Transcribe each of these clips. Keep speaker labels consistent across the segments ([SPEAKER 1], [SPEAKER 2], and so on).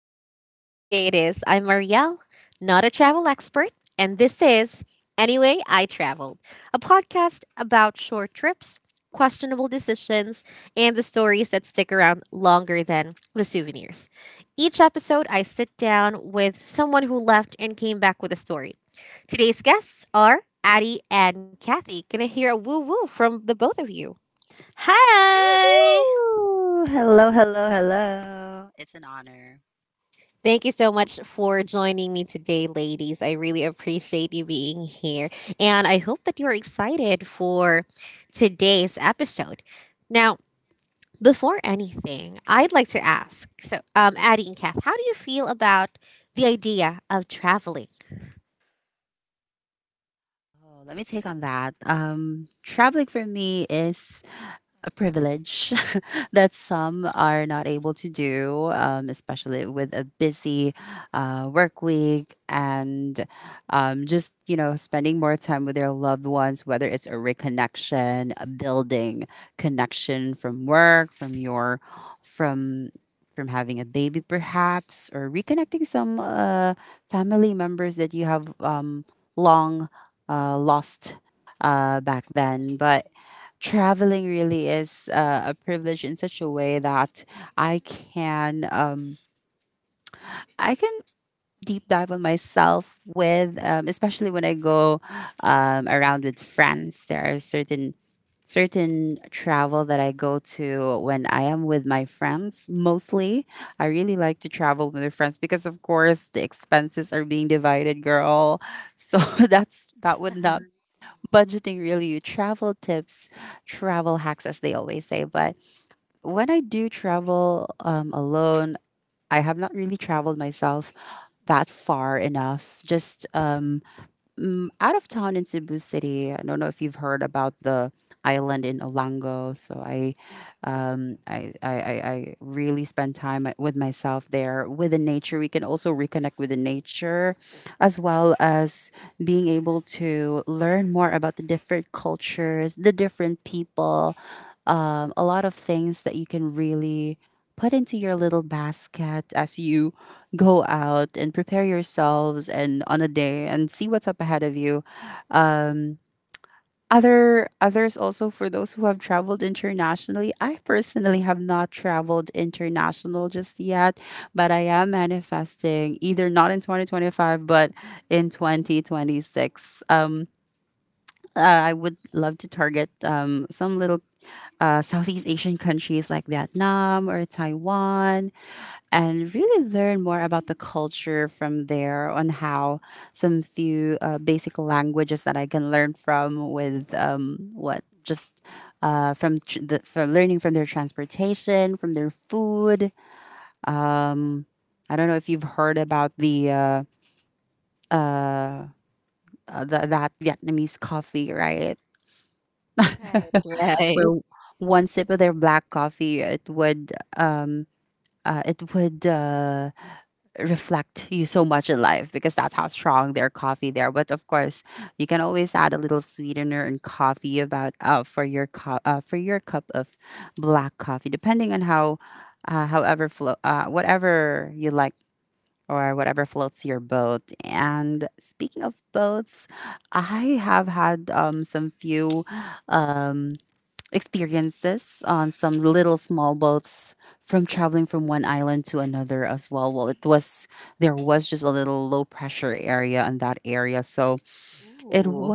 [SPEAKER 1] What a beautiful sunny day it is. I'm Marielle, not a travel expert, and this is Anyway I Traveled, a podcast about short trips, questionable decisions, and the stories that stick around longer than the souvenirs. Each episode, I sit down with someone who left and came back with a story. Today's guests are Addie and Kathy. Can I hear a woo woo from the both of you? Thank you so much for joining me today, ladies. I really appreciate you being here. And I hope that you're excited for today's episode. Now, before anything, I'd like to ask Addie and Kath, how do you feel about the idea of traveling? Right, right. Ooh,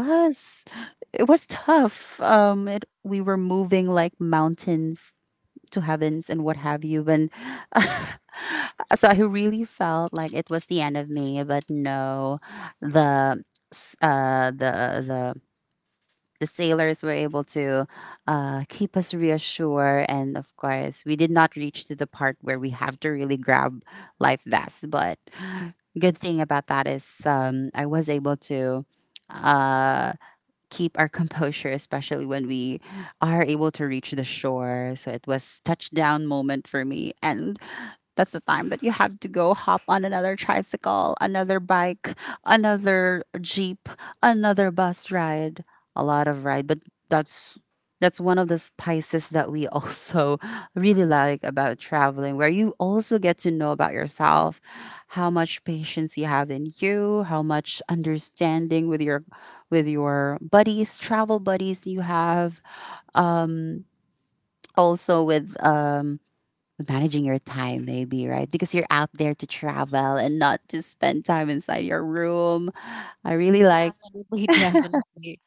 [SPEAKER 1] definitely, definitely.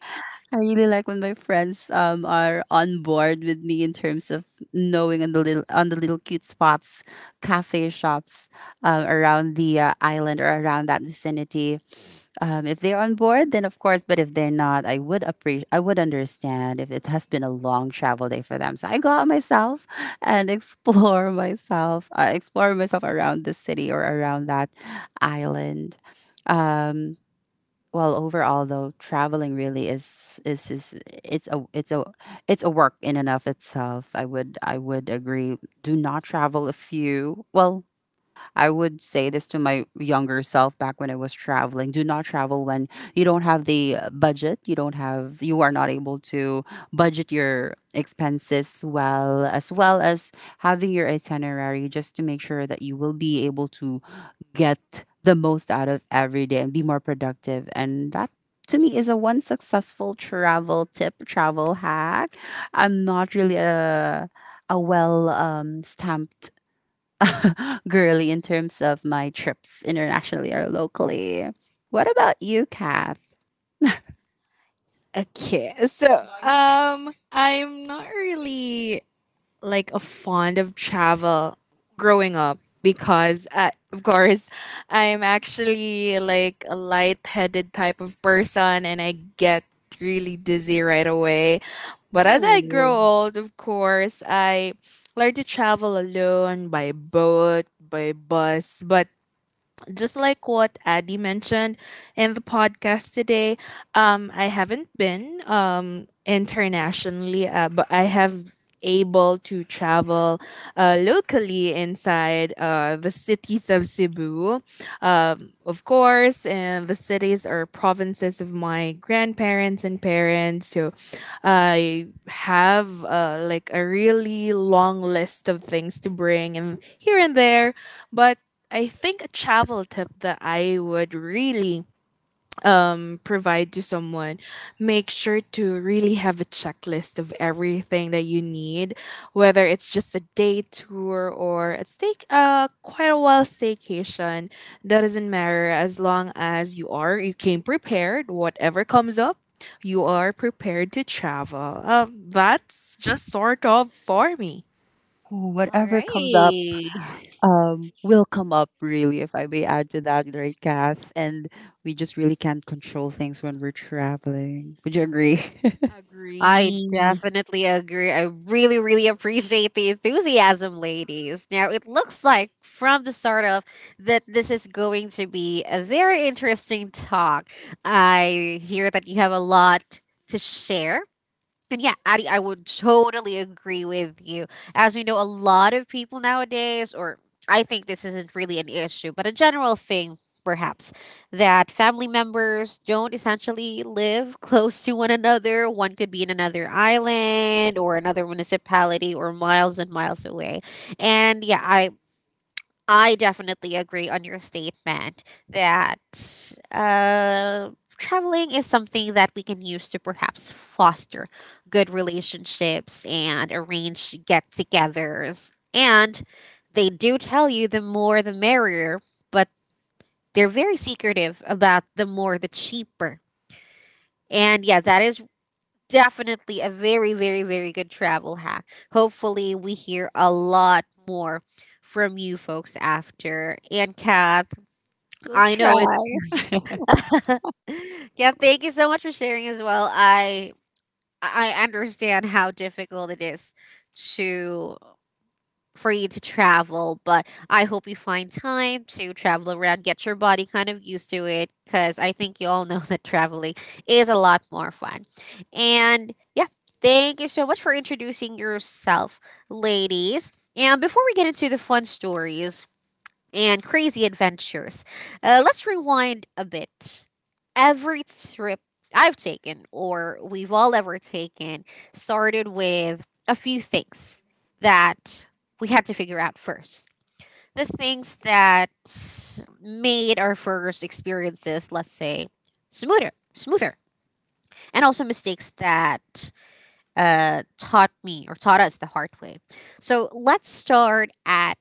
[SPEAKER 1] Ooh, all right. I definitely agree. I really, really appreciate the enthusiasm, ladies. Now, it looks like from the start off that this is going to be a very interesting talk. I hear that you have a lot to share. And yeah, Addie, I would totally agree with you. As we know, a lot of people nowadays, or I think this isn't really an issue, but a general thing perhaps, that family members don't essentially live close to one another. One could be in another island or another municipality or miles and miles away. And yeah, I definitely agree on your statement that uh, traveling is something that we can use to perhaps foster good relationships and arrange get togethers. And they do tell you the more the merrier, but they're very secretive about the more the cheaper. And yeah, that is definitely a very, very, very good travel hack. Hopefully, we hear a lot more from you folks after. And Kat, I know it's yeah, thank you so much for sharing as well. I understand how difficult it is to for you to travel, but I hope you find time to travel around, get your body kind of used to it cuz I think you all know that traveling is a lot more fun. And yeah, thank you so much for introducing yourself, ladies. And before we get into the fun stories and crazy adventures, let's rewind a bit. Every trip I've taken, or we've all ever taken, started with a few things that we had to figure out first. The things that made our first experiences, let's say, smoother, and also mistakes that taught me or taught us the hard way. So let's start at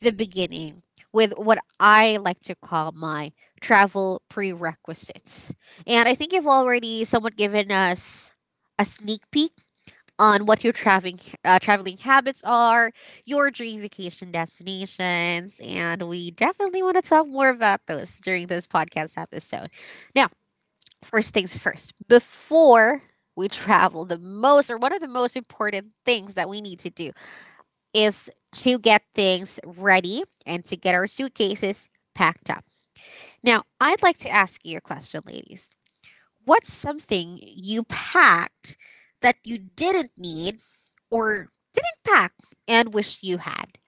[SPEAKER 1] the beginning with what I like to call my travel prerequisites. And I think you've already somewhat given us a sneak peek on what your traveling habits are, your dream vacation destinations, and we definitely want to talk more about those during this podcast episode. Now, first things first, before we travel, the most or one of the most important things that we need to do is to get things ready and to get our suitcases packed up. Now, I'd like to ask you a question, ladies. What's something you packed that you didn't need or didn't pack and wish you had?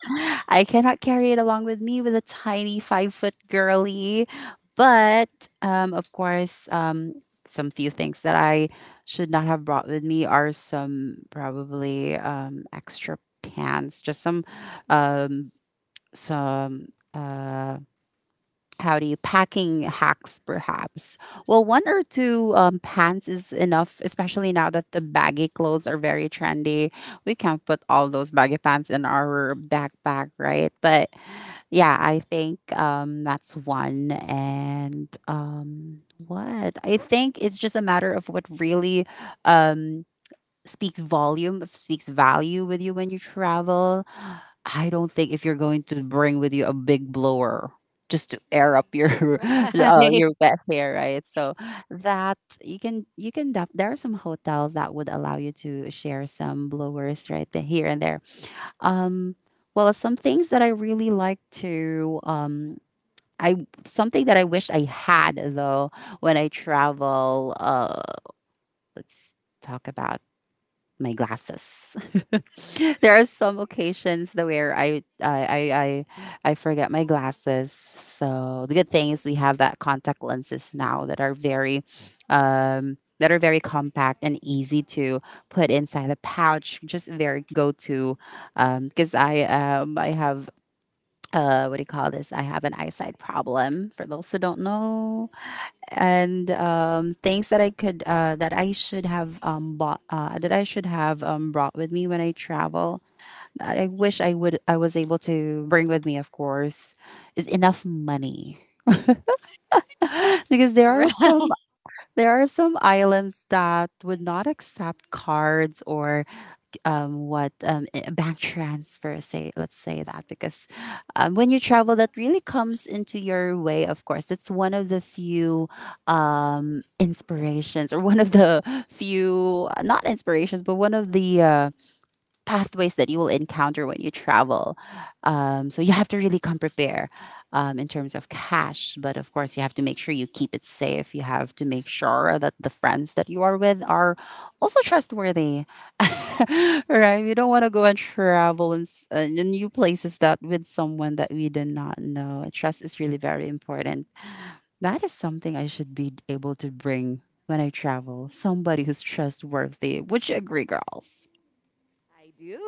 [SPEAKER 1] Right, right, right.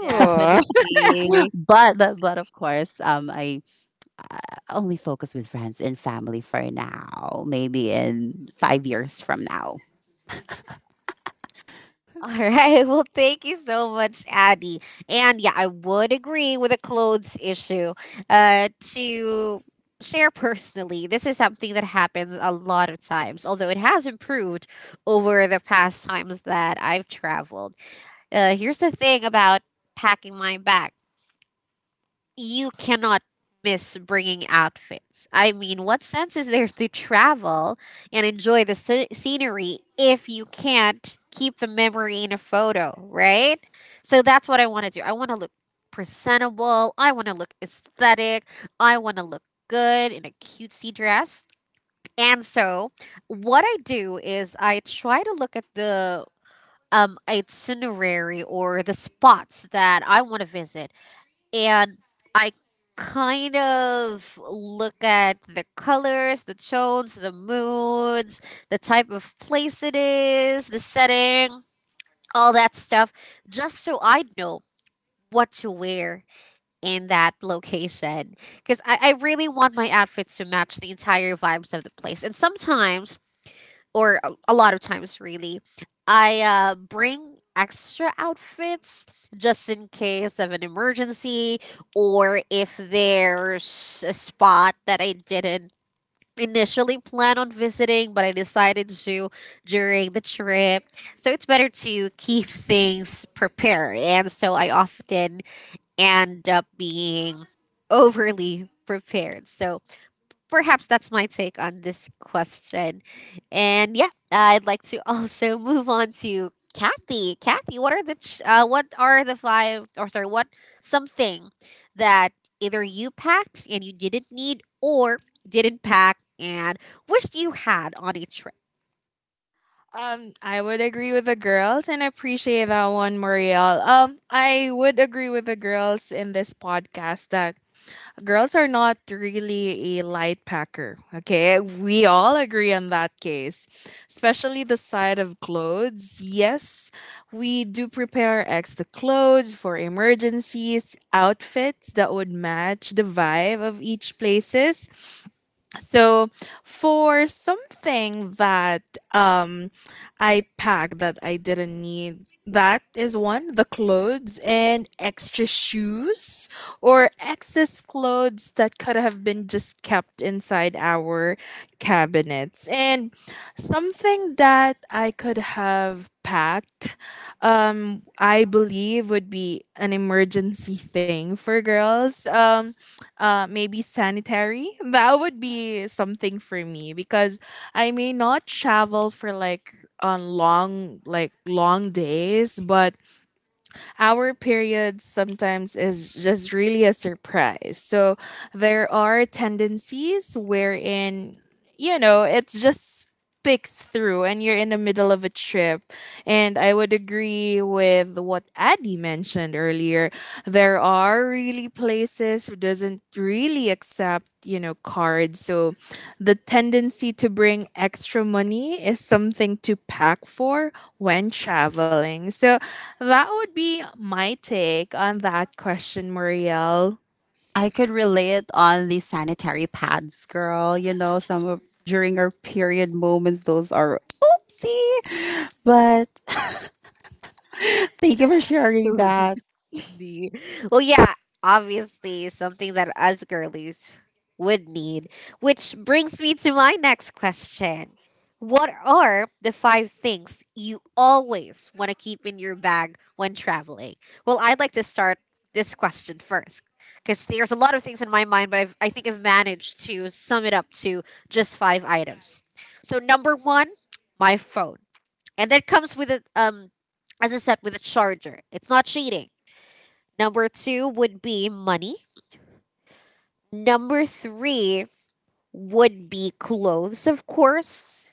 [SPEAKER 1] Definitely. All right. Well, thank you so much, Addie. And yeah, I would agree with the clothes issue. Uh, to share personally, this is something that happens a lot of times, although it has improved over the past times that I've traveled. Here's the thing about packing my bag. You cannot miss bringing outfits. I mean, what sense is there to travel and enjoy the scenery if you can't keep the memory in a photo, right? So that's what I want to do. I want to look presentable. I want to look aesthetic. I want to look good in a cutesy dress. And so, what I do is I try to look at the itinerary or the spots that I want to visit, and I kind of look at the colors, the tones, the moods, the type of place it is, the setting, all that stuff, just so I know what to wear in that location. Because I really want my outfits to match the entire vibes of the place. And sometimes, or a lot of times really, I bring extra outfits just in case of an emergency, or if there's a spot that I didn't initially plan on visiting but I decided to during the trip, so it's better to keep things prepared. And so I often end up being overly prepared, so perhaps that's my take on this question. And yeah, I'd like to also move on to Kathy. Kathy, what are the five or sorry, what something that either you packed and you didn't need or didn't pack and wished you had on a trip? Absolutely. The Well, yeah, obviously something that us girlies would need, which brings me to my next question. What are the five things you always want to keep in your bag when traveling? Well, I'd like to start this question first because there's a lot of things in my mind, but I think I've managed to sum it up to just five items. So, number one, my phone. And that comes with as I said, with a charger. It's not cheating. Number two would be money. Number three would be clothes, of course.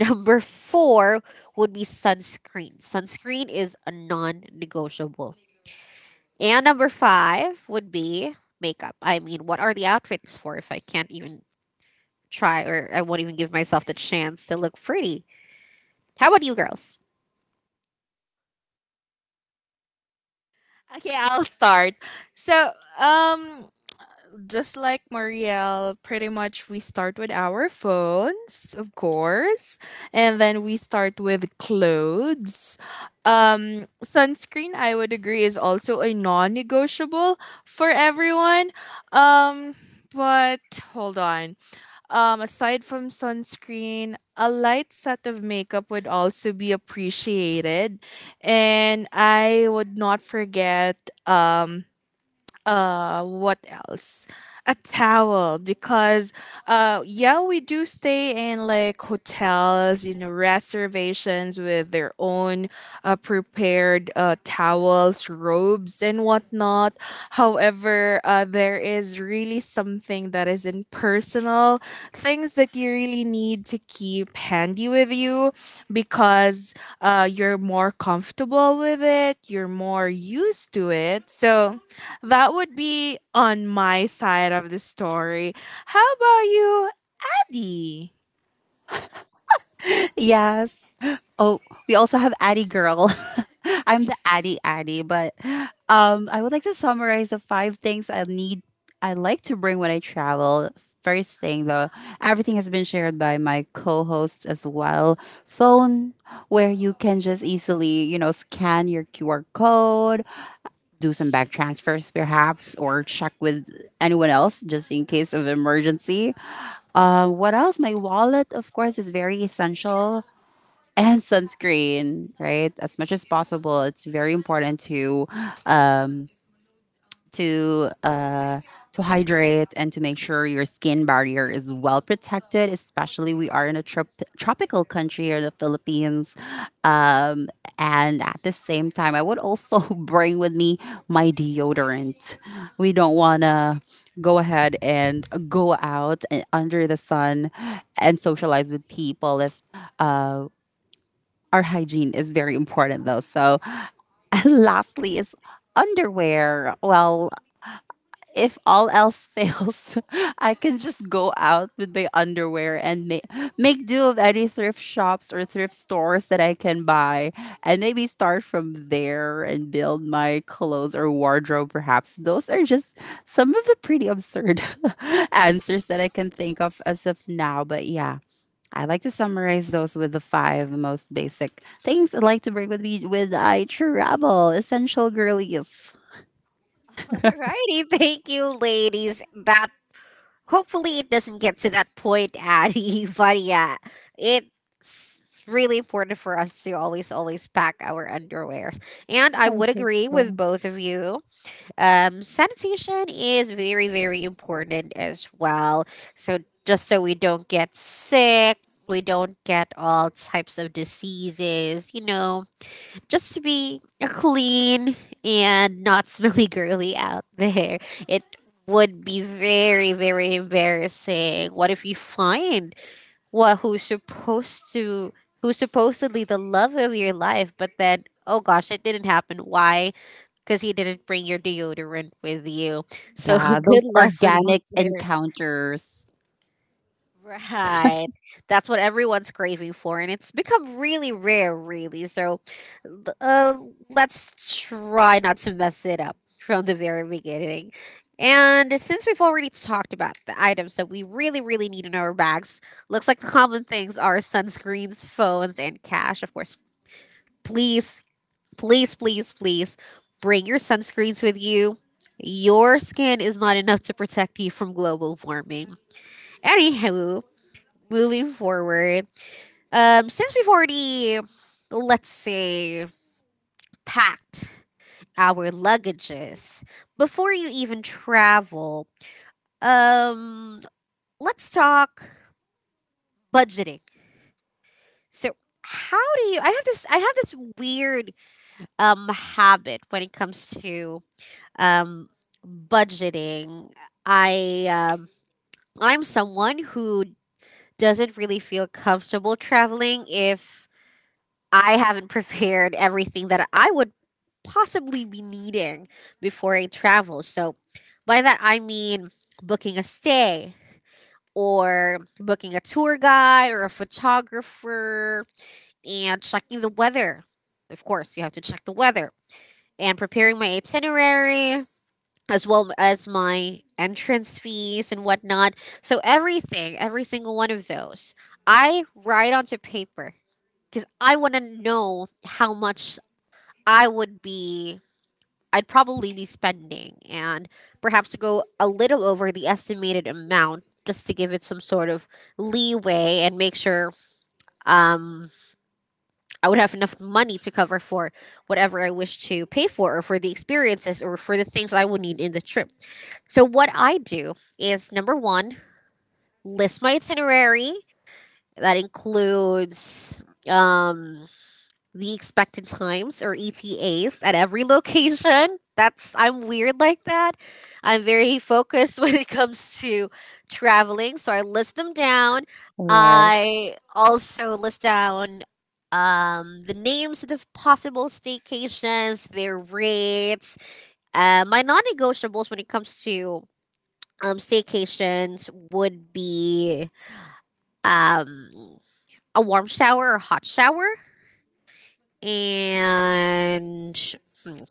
[SPEAKER 1] Number four would be sunscreen. Sunscreen is a non negotiable. And number five would be makeup. I mean, what are the outfits for if I can't even try or I won't even give myself the chance to look pretty? How about you girls? Alrighty, thank you, ladies. That Hopefully, it doesn't get to that point, Addie. But yeah, it's really important for us to always, always pack our underwear. And I would agree with both of you. Sanitation is very, very important as well. So just so we don't get sick, we don't get all types of diseases, just to be a clean and not smelly girly out there. It would be very, very embarrassing. What if you find what who's supposed to who's supposedly the love of your life, but then oh gosh, it didn't happen. Why? Because you didn't bring your deodorant with you. So good lesson out there. Right. That's what everyone's craving for, and it's become really rare, really. So, l- uh, let's try not to mess it up from the very beginning. And since we've already talked about the items that we really, really need in our bags, looks like the common things are sunscreens, phones, and cash. Of course, please, please, please, please bring your sunscreens with you. Your skin is not enough to protect you from global warming. Anywho, moving forward, since we've already, let's say, packed our luggages before you even travel, um, let's talk budgeting. So, how do you? I have this weird habit when it comes to um budgeting. I um, I'm someone who doesn't really feel comfortable traveling if I haven't prepared everything that I would possibly be needing before I travel. So, by that, I mean booking a stay or booking a tour guide or a photographer and checking the weather. Of course, you have to check the weather and preparing my itinerary as well as my entrance fees and whatnot. So, everything, every single one of those, I write onto paper because I want to know how much I would be I'd probably be spending, and perhaps to go a little over the estimated amount just to give it some sort of leeway and make sure um, I would have enough money to cover for whatever I wish to pay for, or for the experiences, or for the things I would need in the trip. So, what I do is number one, list my itinerary that includes the expected times or ETAs at every location. That's I'm weird like that. I'm very focused when it comes to traveling, so I list them down. I also list down the names of the possible staycations, their rates. My non-negotiables when it comes to staycations would be um, a warm shower or hot shower. And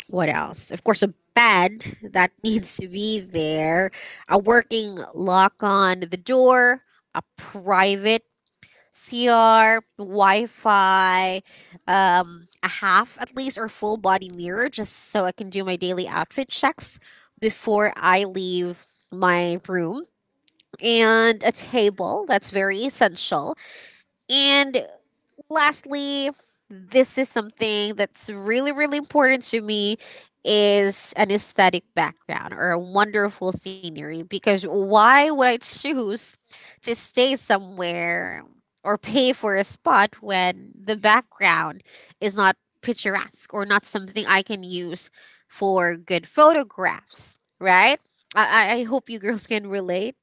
[SPEAKER 1] what else? Of course, a bed that needs to be there, a working lock on the door, a private CR, Wi Fi, a half at least or full body mirror just so I can do my daily outfit checks before I leave my room, and a table that's very essential, and lastly, this is something that's really, really important to me, is an aesthetic background or a wonderful scenery, because why would I choose to stay somewhere or pay for a spot when the background is not picturesque or not something I can use for good photographs, right? I hope you girls can relate.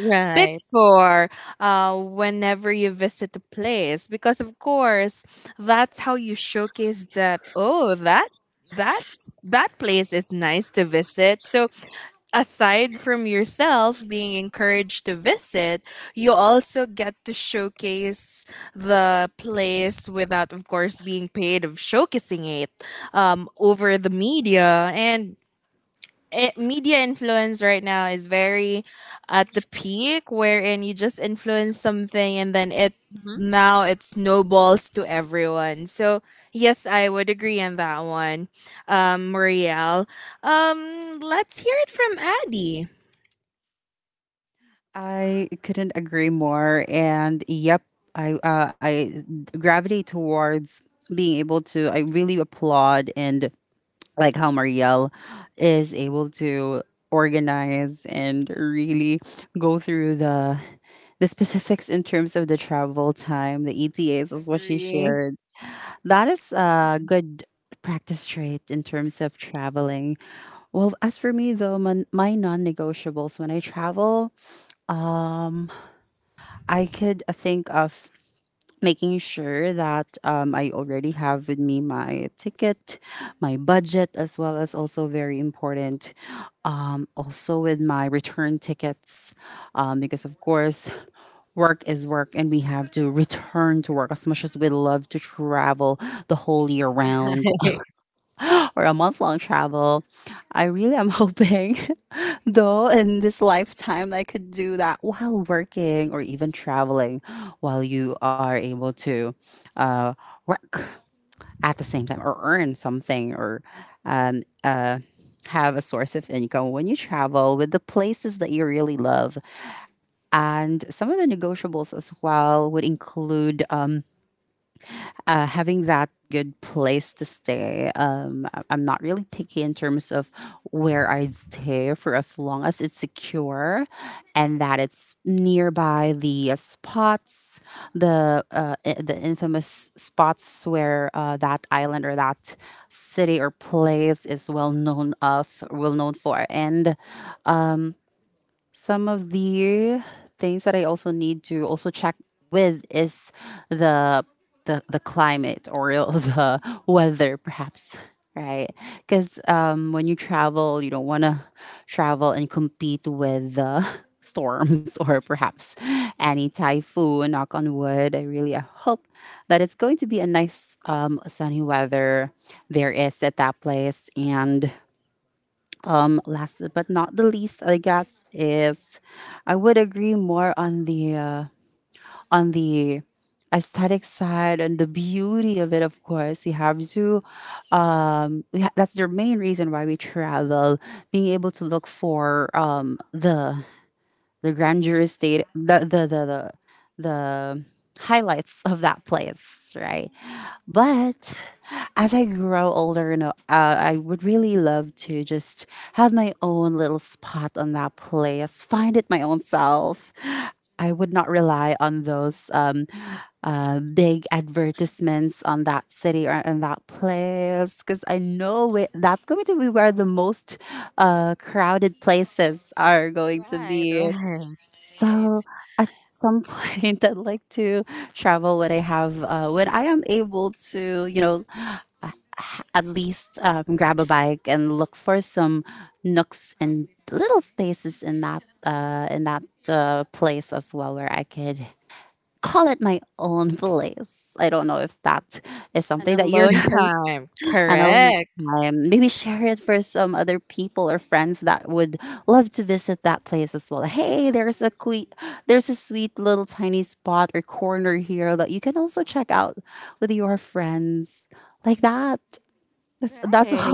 [SPEAKER 1] Right. Mhm. Right. Right. Right. Right.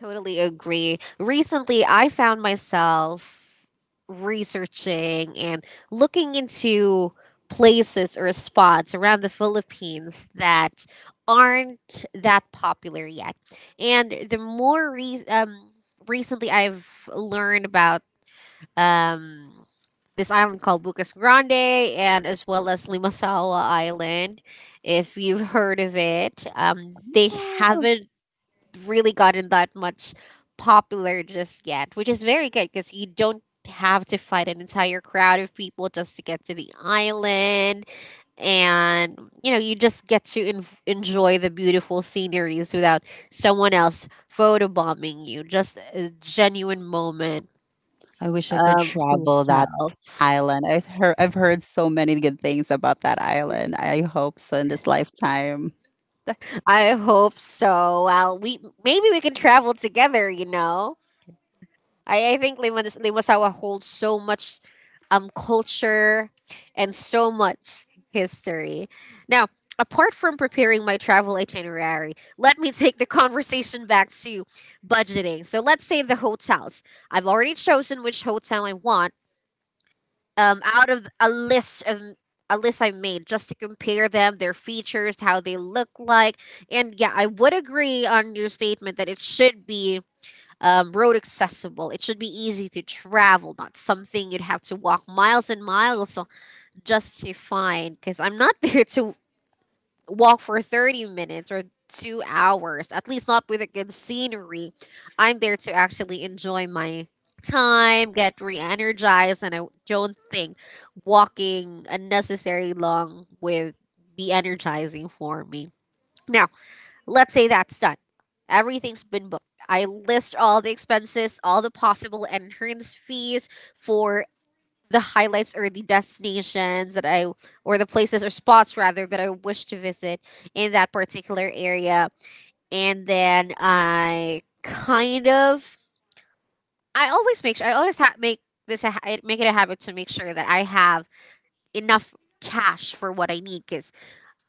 [SPEAKER 1] Totally agree. Recently, I found myself researching and looking into places or spots around the Philippines that aren't that popular yet. And recently I've learned about um, this island called Bucas Grande, and as well as Limasawa Island, if you've heard of it. They haven't really gotten that much popular just yet, which is very good because you don't have to fight an entire crowd of people just to get to the island. And you know, you just get to enjoy the beautiful sceneries without someone else photobombing you, just a genuine moment for yourself. I hope so. Well, we maybe we can travel together, you know. I think Limasawa holds so much culture and so much history. Now, apart from preparing my travel itinerary, let me take the conversation back to budgeting. So let's say the hotels. I've already chosen which hotel I want, out of a list I made, just to compare them, their features, how they look like. And yeah, I would agree on your statement that it should be road accessible. It should be easy to travel, not something you'd have to walk miles and miles just to find. Because I'm not there to walk for 30 minutes or 2 hours, at least not with a good scenery. I'm there to actually enjoy my time, get re energized, and I don't think walking unnecessary long would be energizing for me. Now, let's say that's done. Everything's been booked. I list all the expenses, all the possible entrance fees for the highlights or the destinations that I, or the places or spots rather, that I wish to visit in that particular area. And then I always make sure, I always make make it a habit to make sure that I have enough cash for what I need. Because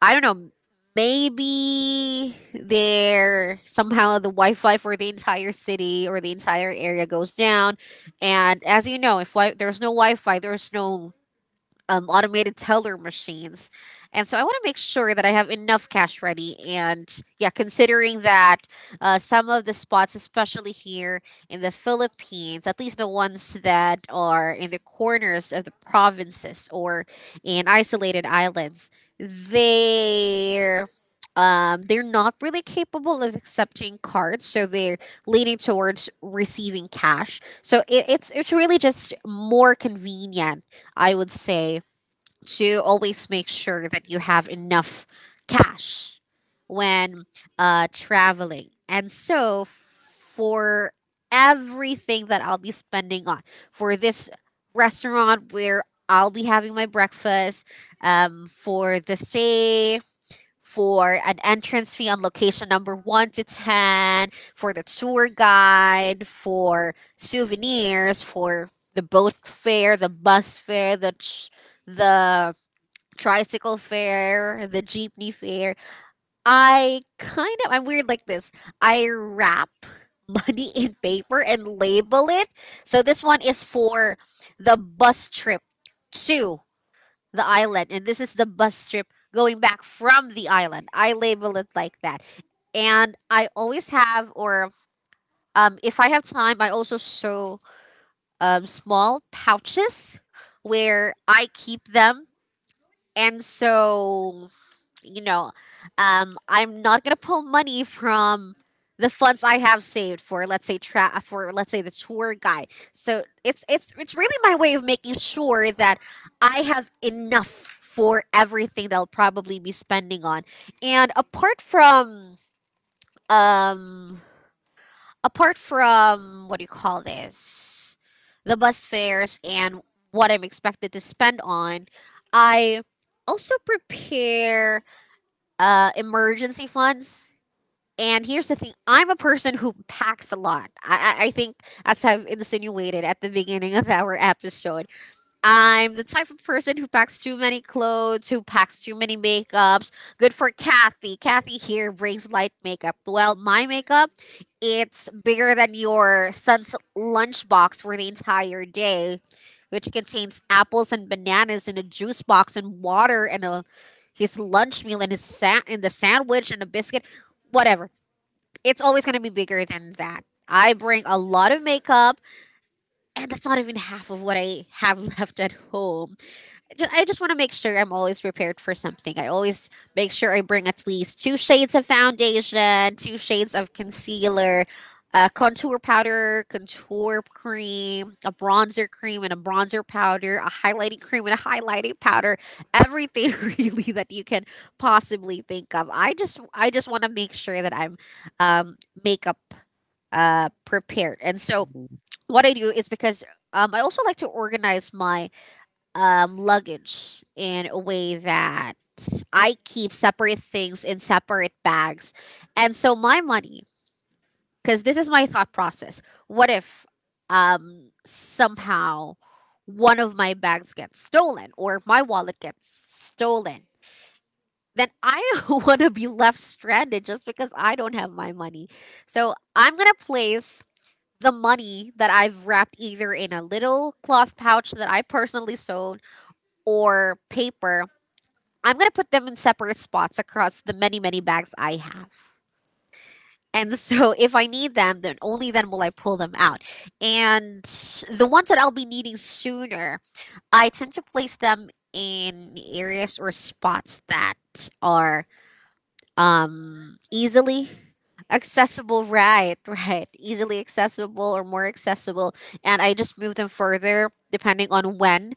[SPEAKER 1] I don't know. Maybe there somehow the Wi-Fi for the entire city or the entire area goes down, and as you know, if there's no Wi-Fi, there's no automated teller machines. And so I want to make sure that I have enough cash ready. And yeah, considering that some of the spots, especially here in the Philippines, at least the ones that are in the corners of the provinces or in isolated islands, they're. they're not really capable of accepting cards, so they're leaning towards receiving cash. So it's really just more convenient, I would say, to always make sure that you have enough cash when traveling. And so, for everything that I'll be spending on, for this restaurant where I'll be having my breakfast, for the stay, for an entrance fee on location number one to 10, for the tour guide, for souvenirs, for the boat fare, the bus fare, the tricycle fare, the jeepney fare. I kind of I'm weird like this. I wrap money in paper and label it. So this one is for the bus trip to the island, and this is the bus trip going back from the island. I label it like that. And I always have, or if I have time I also sew small pouches where I keep them. And so, you know, I'm not gonna pull money from the funds I have saved for, let's say, tra- for let's say the tour guide. So it's really my way of making sure that I have enough for everything that I'll probably be spending on. And apart from um, what do you call this, the bus fares and what I'm expected to spend on, I also prepare emergency funds. And here's the thing: I'm a person who packs a lot. I think, as I've insinuated at the beginning of our episode, I'm the type of person who packs too many clothes, who packs too many makeups. Good for Kathy. Kathy here brings light makeup. Well, my makeup, it's bigger than your son's lunchbox for the entire day, which contains apples and bananas in a juice box, and water, and a his lunch meal, and the sandwich and a biscuit, whatever. It's always gonna be bigger than that. I bring a lot of makeup, and that's not even half of what I have left at home. I just want to make sure I'm always prepared for something. I always make sure I bring at least two shades of foundation, two shades of concealer, a contour powder, contour cream, a bronzer cream and a bronzer powder, a highlighting cream and a highlighting powder, everything really that you can possibly think of. I just want to make sure that I'm um, makeup prepared. And so what I do is, because I also like to organize my luggage in a way that I keep separate things in separate bags. And so my money, because this is my thought process. What if somehow one of my bags gets stolen or my wallet gets stolen? Then I don't want to be left stranded just because I don't have my money. So I'm going to place the money that I've wrapped either in a little cloth pouch that I personally sewed or paper. I'm going to put them in separate spots across the many, many bags I have. And so if I need them, then only then will I pull them out. And the ones that I'll be needing sooner, I tend to place them in areas or spots that are easily accessible. Right, right, easily accessible or more accessible. And I just move them further depending on when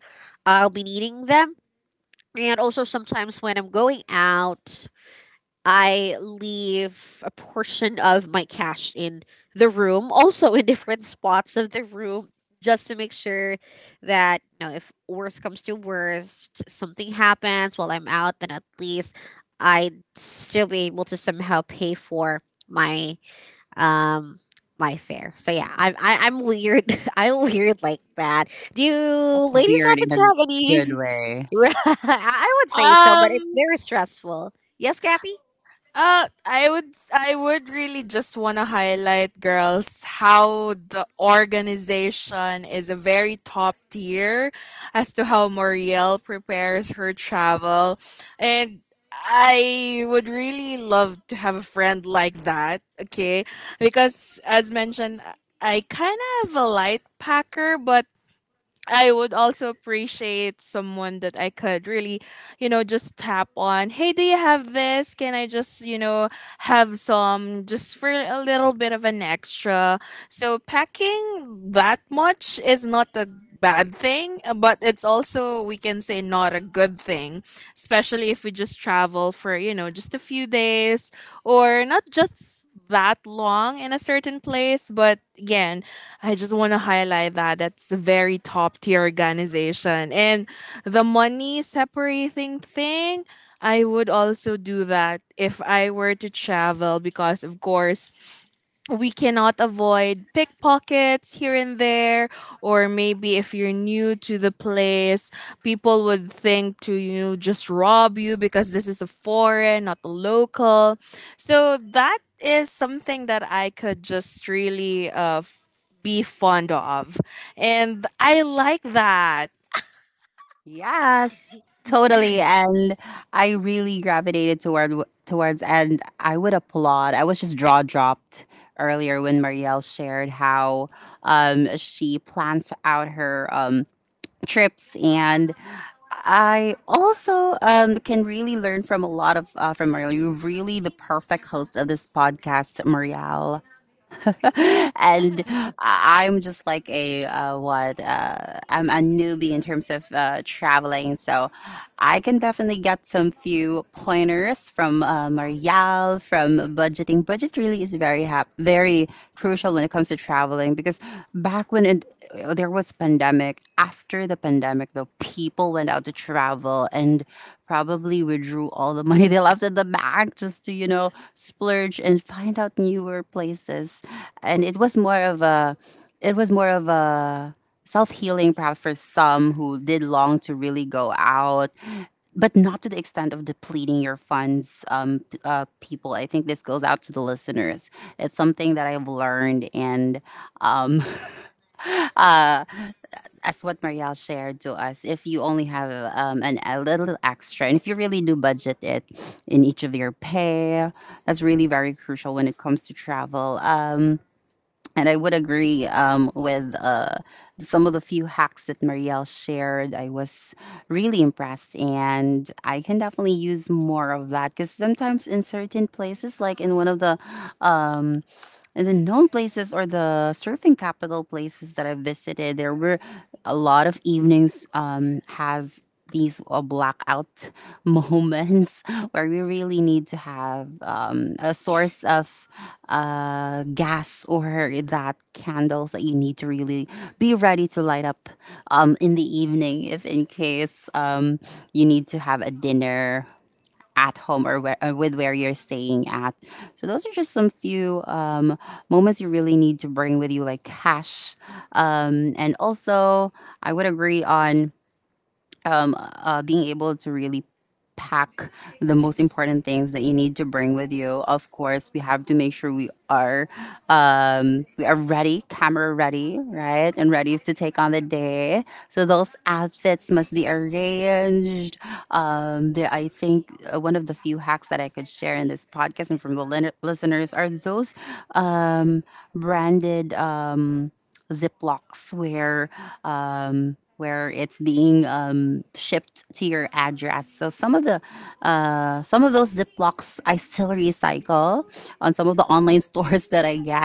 [SPEAKER 1] I'll be needing them. And also sometimes when I'm going out, I leave a portion of my cash in the room, also in different spots of the room, just to make sure that, you know, if worst comes to worst, something happens while I'm out, then at least I'd still be able to somehow pay for my um my fare. So yeah, I'm weird. I'm weird like that. Do you ladies happen to have any? I would say so, but it's very stressful. Yes, Kathy.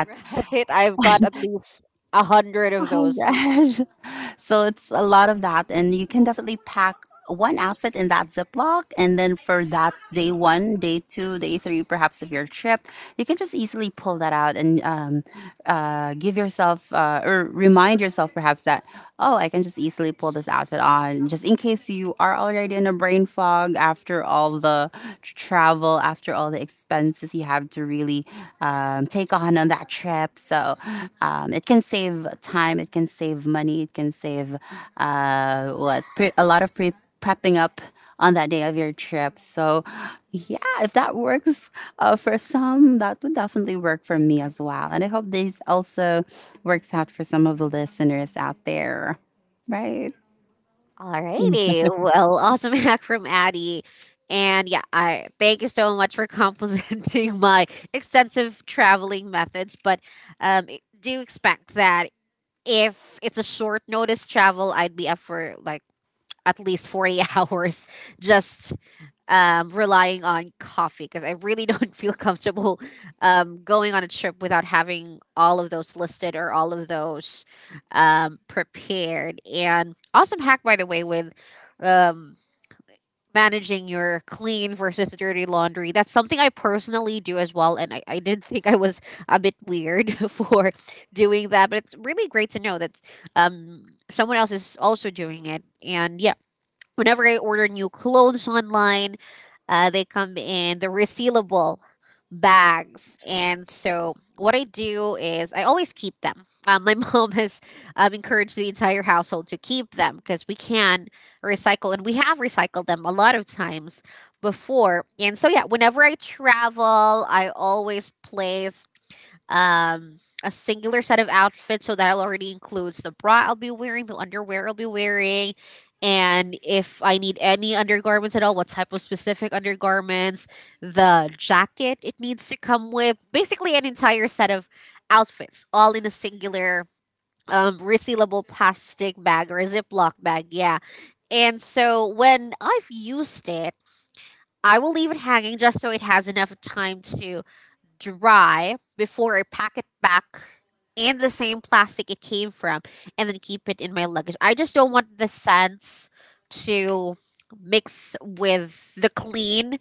[SPEAKER 1] Right. I've got at least a hundred of those. Alrighty. Well, awesome hack from Addie. And yeah, I thank you so much for complimenting my extensive traveling methods. But um, do expect that if it's a short notice travel, I'd be up for like at least 40 hours just relying on coffee, because I really don't feel comfortable going on a trip without having all of those listed or all of those prepared. And awesome hack, by the way, with um, managing your clean versus dirty laundry. That's something I personally do as well. And I did think I was a bit weird for doing that, but it's really great to know that someone else is also doing it. And yeah, whenever I order new clothes online, they come in the resealable bags. And so what I do is I always keep them. My mom has encouraged the entire household to keep them because we can recycle, and we have recycled them a lot of times before. And so, yeah, whenever I travel, I always place a singular set of outfits, so that already includes the bra I'll be wearing, the underwear I'll be wearing, and if I need any undergarments at all, what type of specific undergarments, the jacket it needs to come with, basically an entire set of outfits, all in a singular resealable plastic bag or a Ziploc bag, yeah. And so when I've used it, I will leave it hanging just so it has enough time to dry before I pack it back in the same plastic it came from, and then keep it in my luggage. I just don't want the scents to mix with the clean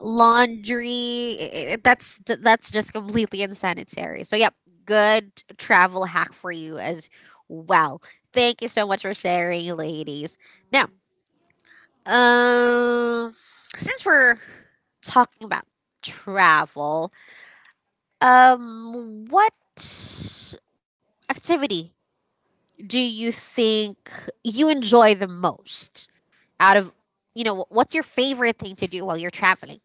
[SPEAKER 1] laundry. That's just completely unsanitary. So yep, good travel hack for you as well. Thank you so much for sharing, ladies. Now, um, since we're talking about travel, what activity do you think you enjoy the most out of, you know, what's your favorite thing to do while you're traveling?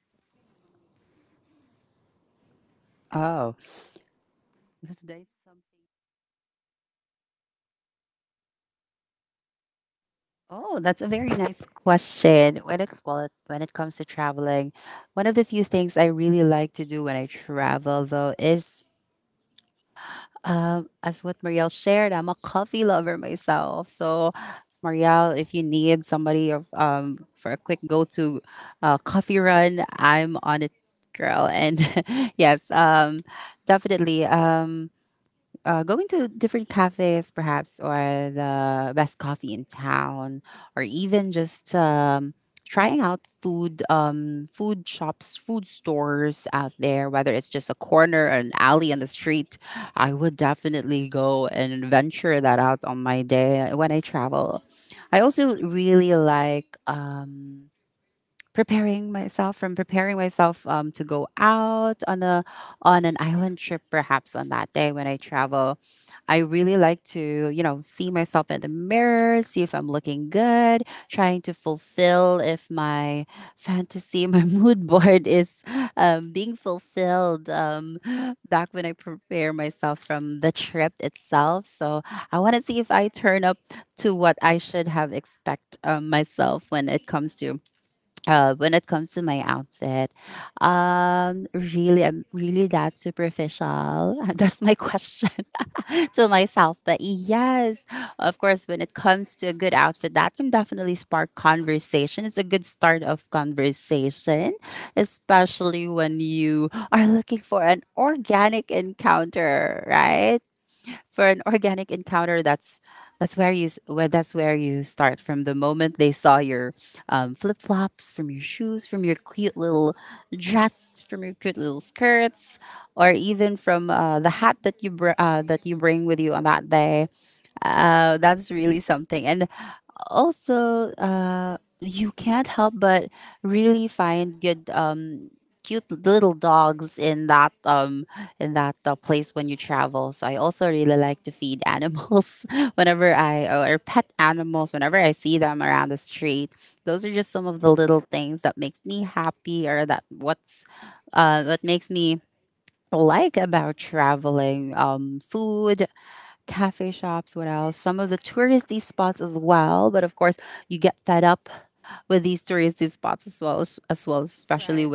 [SPEAKER 1] Right.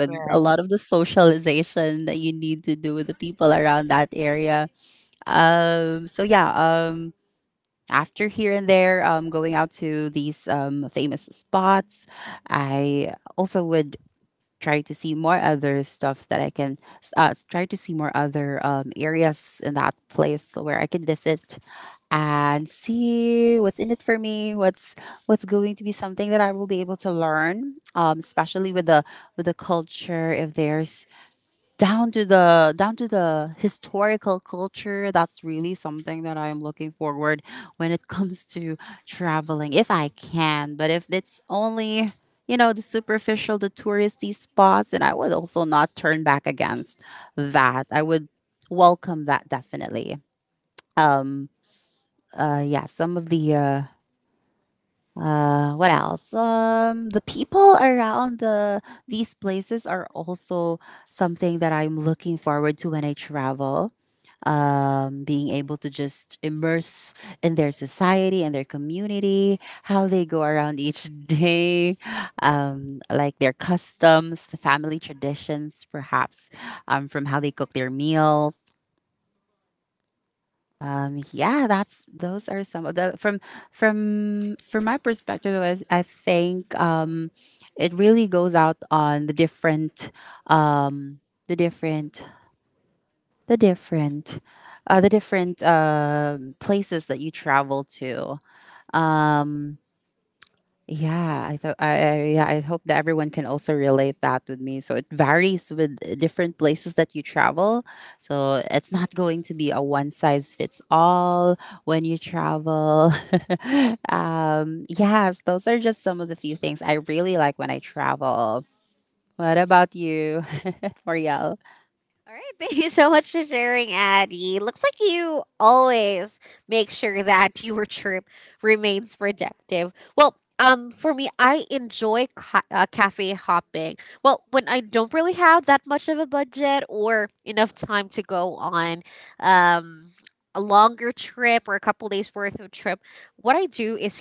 [SPEAKER 1] All right, thank you so much for sharing, Addie. Looks like you always make sure that your trip remains productive. Well, for me, I enjoy cafe hopping. Well, when I don't really have that much of a budget or enough time to go on um, a longer trip or a couple days worth of trip, what I do is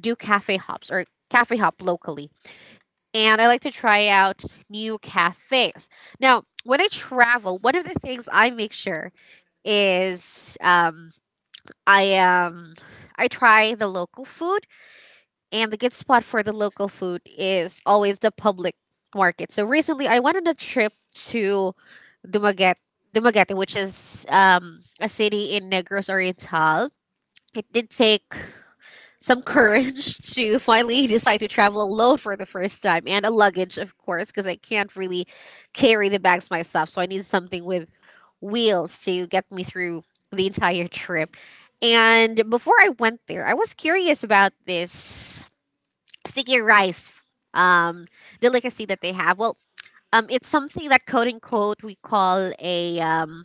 [SPEAKER 1] do cafe hops or cafe hop locally, and I like to try out new cafes. Now, when I travel, one of the things I make sure is I um, I try the local food, and the good spot for the local food is always the public market. So recently, I went on a trip to Dumaguete, Dumaguete, which is a city in Negros Oriental. It did take some courage to finally decide to travel alone for the first time and a luggage, of course, because I can't really carry the bags myself. So I need something with wheels to get me through the entire trip. And before I went there, I was curious about this sticky rice um, delicacy that they have. Well, it's something that, quote unquote, we call a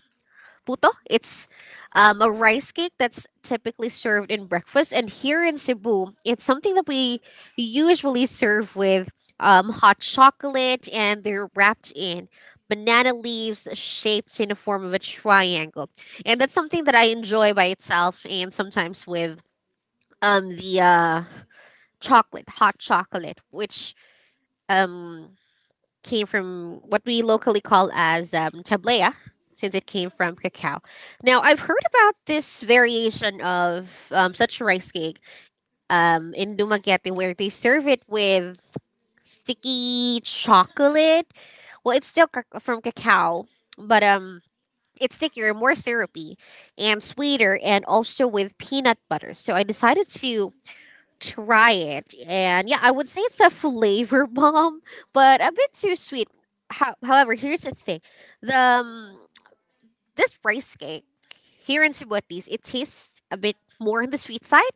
[SPEAKER 1] puto. It's a rice cake that's typically served in breakfast. And here in Cebu, it's something that we usually serve with hot chocolate, and they're wrapped in banana leaves shaped in the form of a triangle. And that's something that I enjoy by itself and sometimes with the chocolate, hot chocolate, which um, came from what we locally call as tablea, since it came from cacao. Now, I've heard about this variation of such rice cake in Dumaguete, where they serve it with sticky chocolate. Well, it's still from cacao, but it's thicker, more syrupy, and sweeter, and also with peanut butter. So I decided to try it. And yeah, I would say it's a flavor bomb, but a bit too sweet. However, here's the thing: the this rice cake here in Cebu, at least, it tastes a bit more on the sweet side.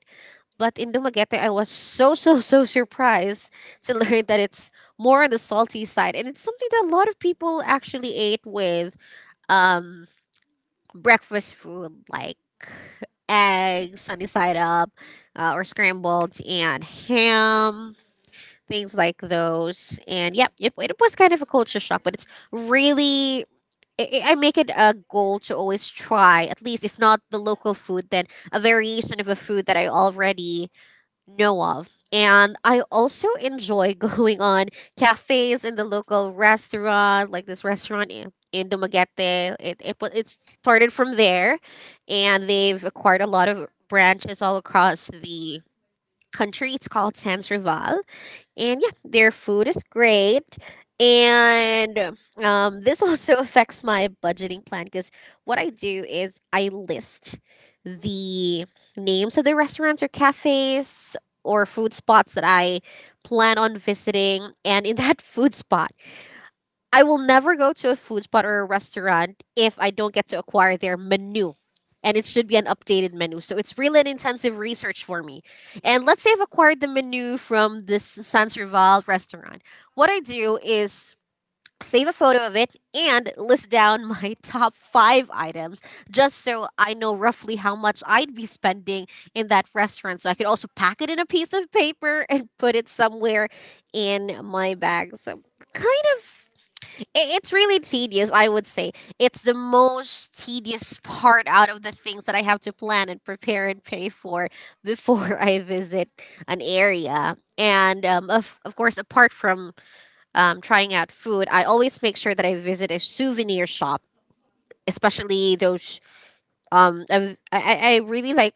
[SPEAKER 1] But in Dumaguete, I was so so so surprised to learn that it's more on the salty side, and it's something that a lot of people actually ate with um breakfast food like eggs sunny side up, or scrambled and ham, things like those. And yeah, it was kind of a culture shock, but it's really. I make it a goal to always try, at least if not the local food, then a variation of a food that I already know of. And I also enjoy going on cafes in the local restaurant, like this restaurant in Dumaguete. It started from there, and they've acquired a lot of branches all across the country. It's called Sans Rival, and yeah, their food is great. And this also affects my budgeting plan because what I do is I list the names of the restaurants or cafes or food spots that I plan on visiting. And in that food spot, I will never go to a food spot or a restaurant if I don't get to acquire their menu. And it should be an updated menu. So it's really an intensive research for me. And let's say I've acquired the menu from this San Serval restaurant. What I do is save a photo of it and list down my top five items just so I know roughly how much I'd be spending in that restaurant. So I could also pack it in a piece of paper and put it somewhere in my bag. So kind of It's really tedious, I would say. It's the most tedious part out of the things that I have to plan and prepare and pay for before I visit an area. And of course, apart from trying out food, I always make sure that I visit a souvenir shop, especially those. Um, I've- I, I really like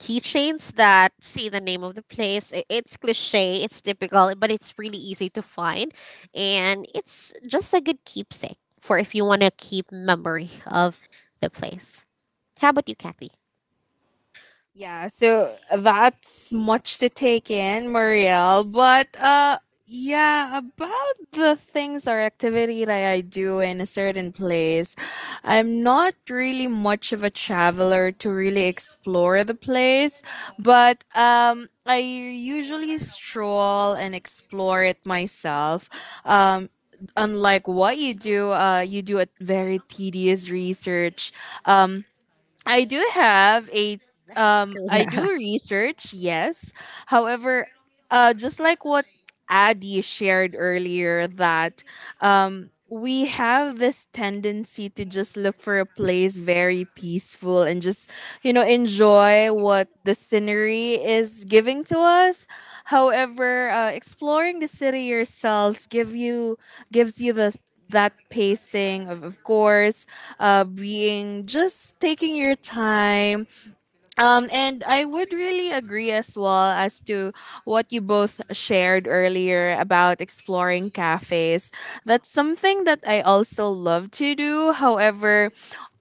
[SPEAKER 1] keychains that say the name of the place. It's cliche, it's typical, but it's really easy to find. And it's just a good keepsake for if you want to keep memory of the place. How about you, Kathy?
[SPEAKER 2] Yeah, so that's much to take in, Marielle. But yeah, about the things or activity that I do in a certain place, I'm not really much of a traveler to really explore the place, but I usually stroll and explore it myself. Um Unlike what you do a very tedious research. Um, I do have a
[SPEAKER 1] That's
[SPEAKER 2] I do
[SPEAKER 1] correct.
[SPEAKER 2] research, yes. However, just like what Addie shared earlier, that we have this tendency to just look for a place very peaceful and just, you know, enjoy what the scenery is giving to us. However, exploring the city yourselves give you gives you the that pacing of course, being just taking your time, and I would really agree as well as to what you both shared earlier about exploring cafes. That's something that I also love to do. However,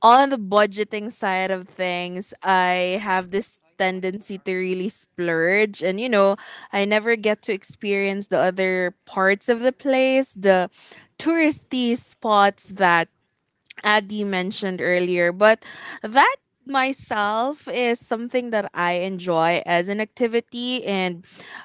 [SPEAKER 2] on the budgeting side of things, I have this tendency to really splurge, and you know I never get to experience the other parts of the place, the touristy spots that Adi mentioned earlier, but that myself is something that I enjoy as an activity. And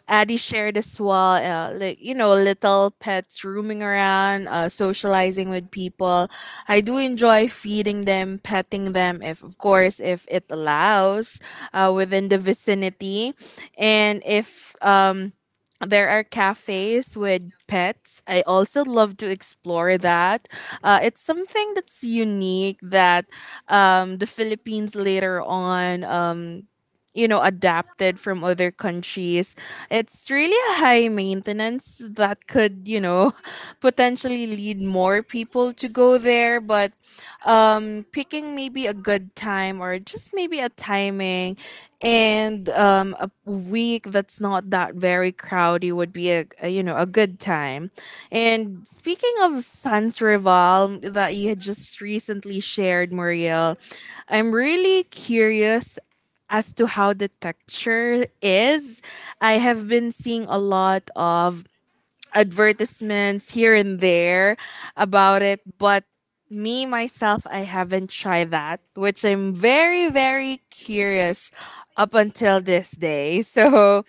[SPEAKER 2] Adi shared as well, like, you know, little pets roaming around, socializing with people. I do enjoy feeding them, petting them, if, of course, if it allows within the vicinity. And if, there are cafes with pets. I also love to explore that. It's something that's unique that the Philippines later on, you know, adapted from other countries. It's really a high maintenance that could, you know, potentially lead more people to go there. But picking maybe a good time or just maybe a timing and a week that's not that very crowdy would be a you know a good time. And speaking of sans rival that you had just recently shared, Muriel, I'm really curious as to how the texture is. I have been seeing a lot of advertisements here and there about it, but me myself, I haven't tried that, which I'm very, very curious up until this day. So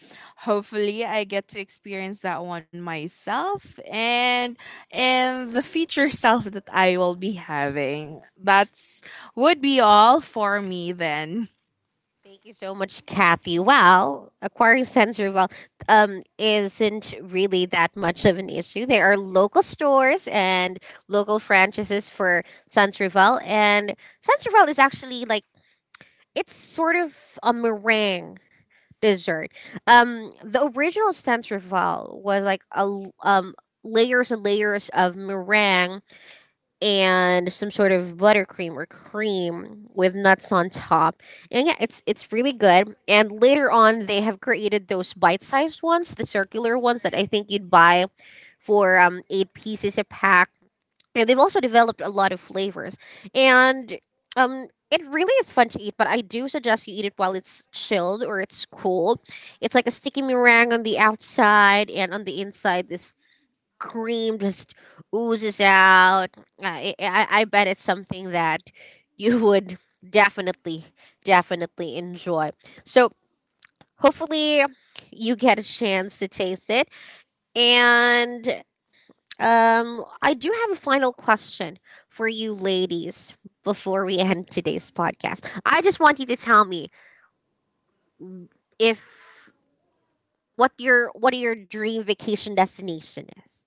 [SPEAKER 2] hopefully I get to experience that one myself and the future self that I will be having. That's would be all for me then.
[SPEAKER 1] Thank you so much, Kathy. Well, acquiring sensory well isn't really that much of an issue. There are local stores and local franchises for Santrival, and Santrival is actually like it's sort of a meringue dessert. The original Stenserval was like layers and layers of meringue and some sort of buttercream or cream with nuts on top. And yeah, it's really good. And later on they have created those bite-sized ones, the circular ones that I think you'd buy for 8 pieces a pack, and they've also developed a lot of flavors. And it really is fun to eat, but I do suggest you eat it while it's chilled or it's cool. It's like a sticky meringue on the outside, and on the inside, this cream just oozes out. I bet it's something that you would definitely, definitely enjoy. So, hopefully, you get a chance to taste it. And I do have a final question for you ladies before we end today's podcast. I just want you to tell me if what your dream vacation destination is.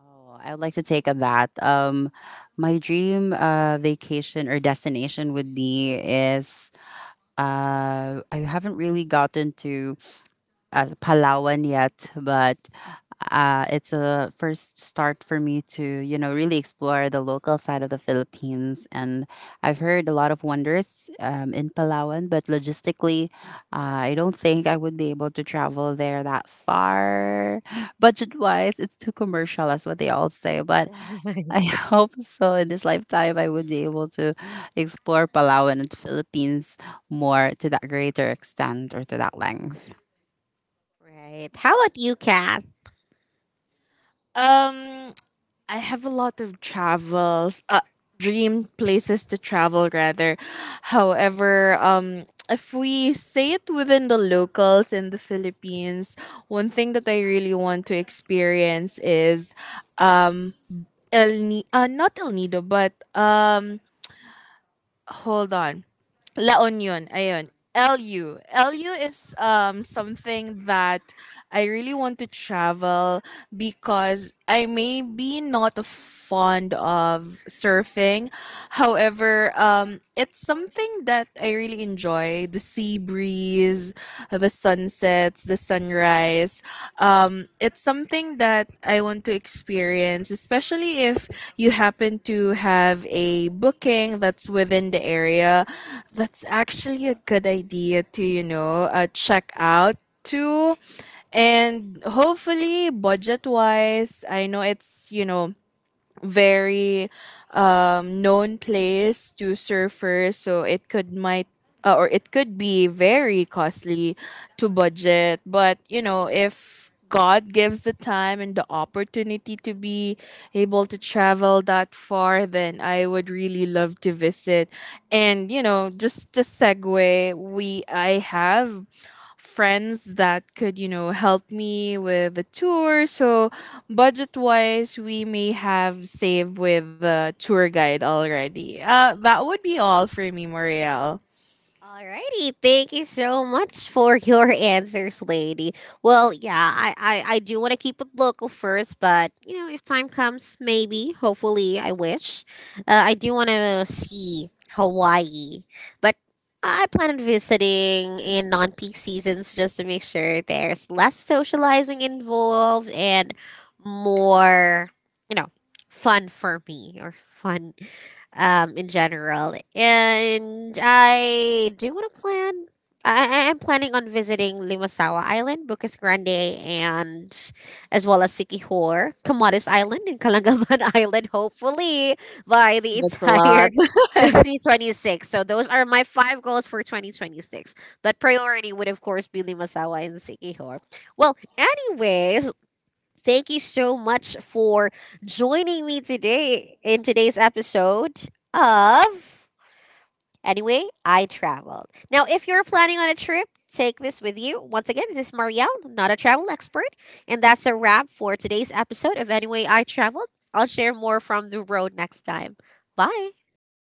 [SPEAKER 3] Oh, I would like to take on that. My dream vacation or destination would be is I haven't really gotten to as Palawan yet, but it's a first start for me to, you know, really explore the local side of the Philippines. And I've heard a lot of wonders in Palawan, but logistically, I don't think I would be able to travel there that far. Budget wise, it's too commercial, that's what they all say. But I hope so in this lifetime, I would be able to explore Palawan and Philippines more to that greater extent or to that length.
[SPEAKER 1] Right. How about you, Kat?
[SPEAKER 2] Um I have a lot of travels, dream places to travel rather. However, if we say it within the locals in the Philippines, one thing that I really want to experience is um not El Nido, but hold on. La Union, ayun. LU. LU is something that I really want to travel because I may be not fond of surfing. However, it's something that I really enjoy. The sea breeze, the sunsets, the sunrise. It's something that I want to experience, especially if you happen to have a booking that's within the area. That's actually a good idea to, you know, check out to. And hopefully, budget wise, I know it's, you know, very known place to surfers, so it could might or it could be very costly to budget. But you know, if god gives the time and the opportunity to be able to travel that far, then I would really love to visit. And you know, just the segue, we I have friends that could, you know, help me with the tour. So budget wise, we may have saved with a tour guide already. That would be all for me, Marielle.
[SPEAKER 1] Alrighty, thank you so much for your answers, lady. Well, yeah, I do want to keep it local first, but you know, if time comes, maybe, hopefully, I wish. I do want to see Hawaii, but I plan on visiting in non peak seasons just to make sure there's less socializing involved and more, you know, fun for me or fun in general. And I do want to plan. I am planning on visiting Limasawa Island, Bukas Grande, and as well as Sikihor, Camotes Island, and Kalangaman Island, hopefully by the
[SPEAKER 2] That's a
[SPEAKER 1] entire
[SPEAKER 2] lot.
[SPEAKER 1] 2026. So those are my five goals for 2026. But priority would, of course, be Limasawa and Sikihor. Well, anyways, thank you so much for joining me today in today's episode of Anyway, I Traveled. Now, if you're planning on a trip, take this with you. Once again, this is Marielle, not a travel expert. And that's a wrap for today's episode of Anyway, I Traveled. I'll share more from the road next time. Bye.
[SPEAKER 3] Bye.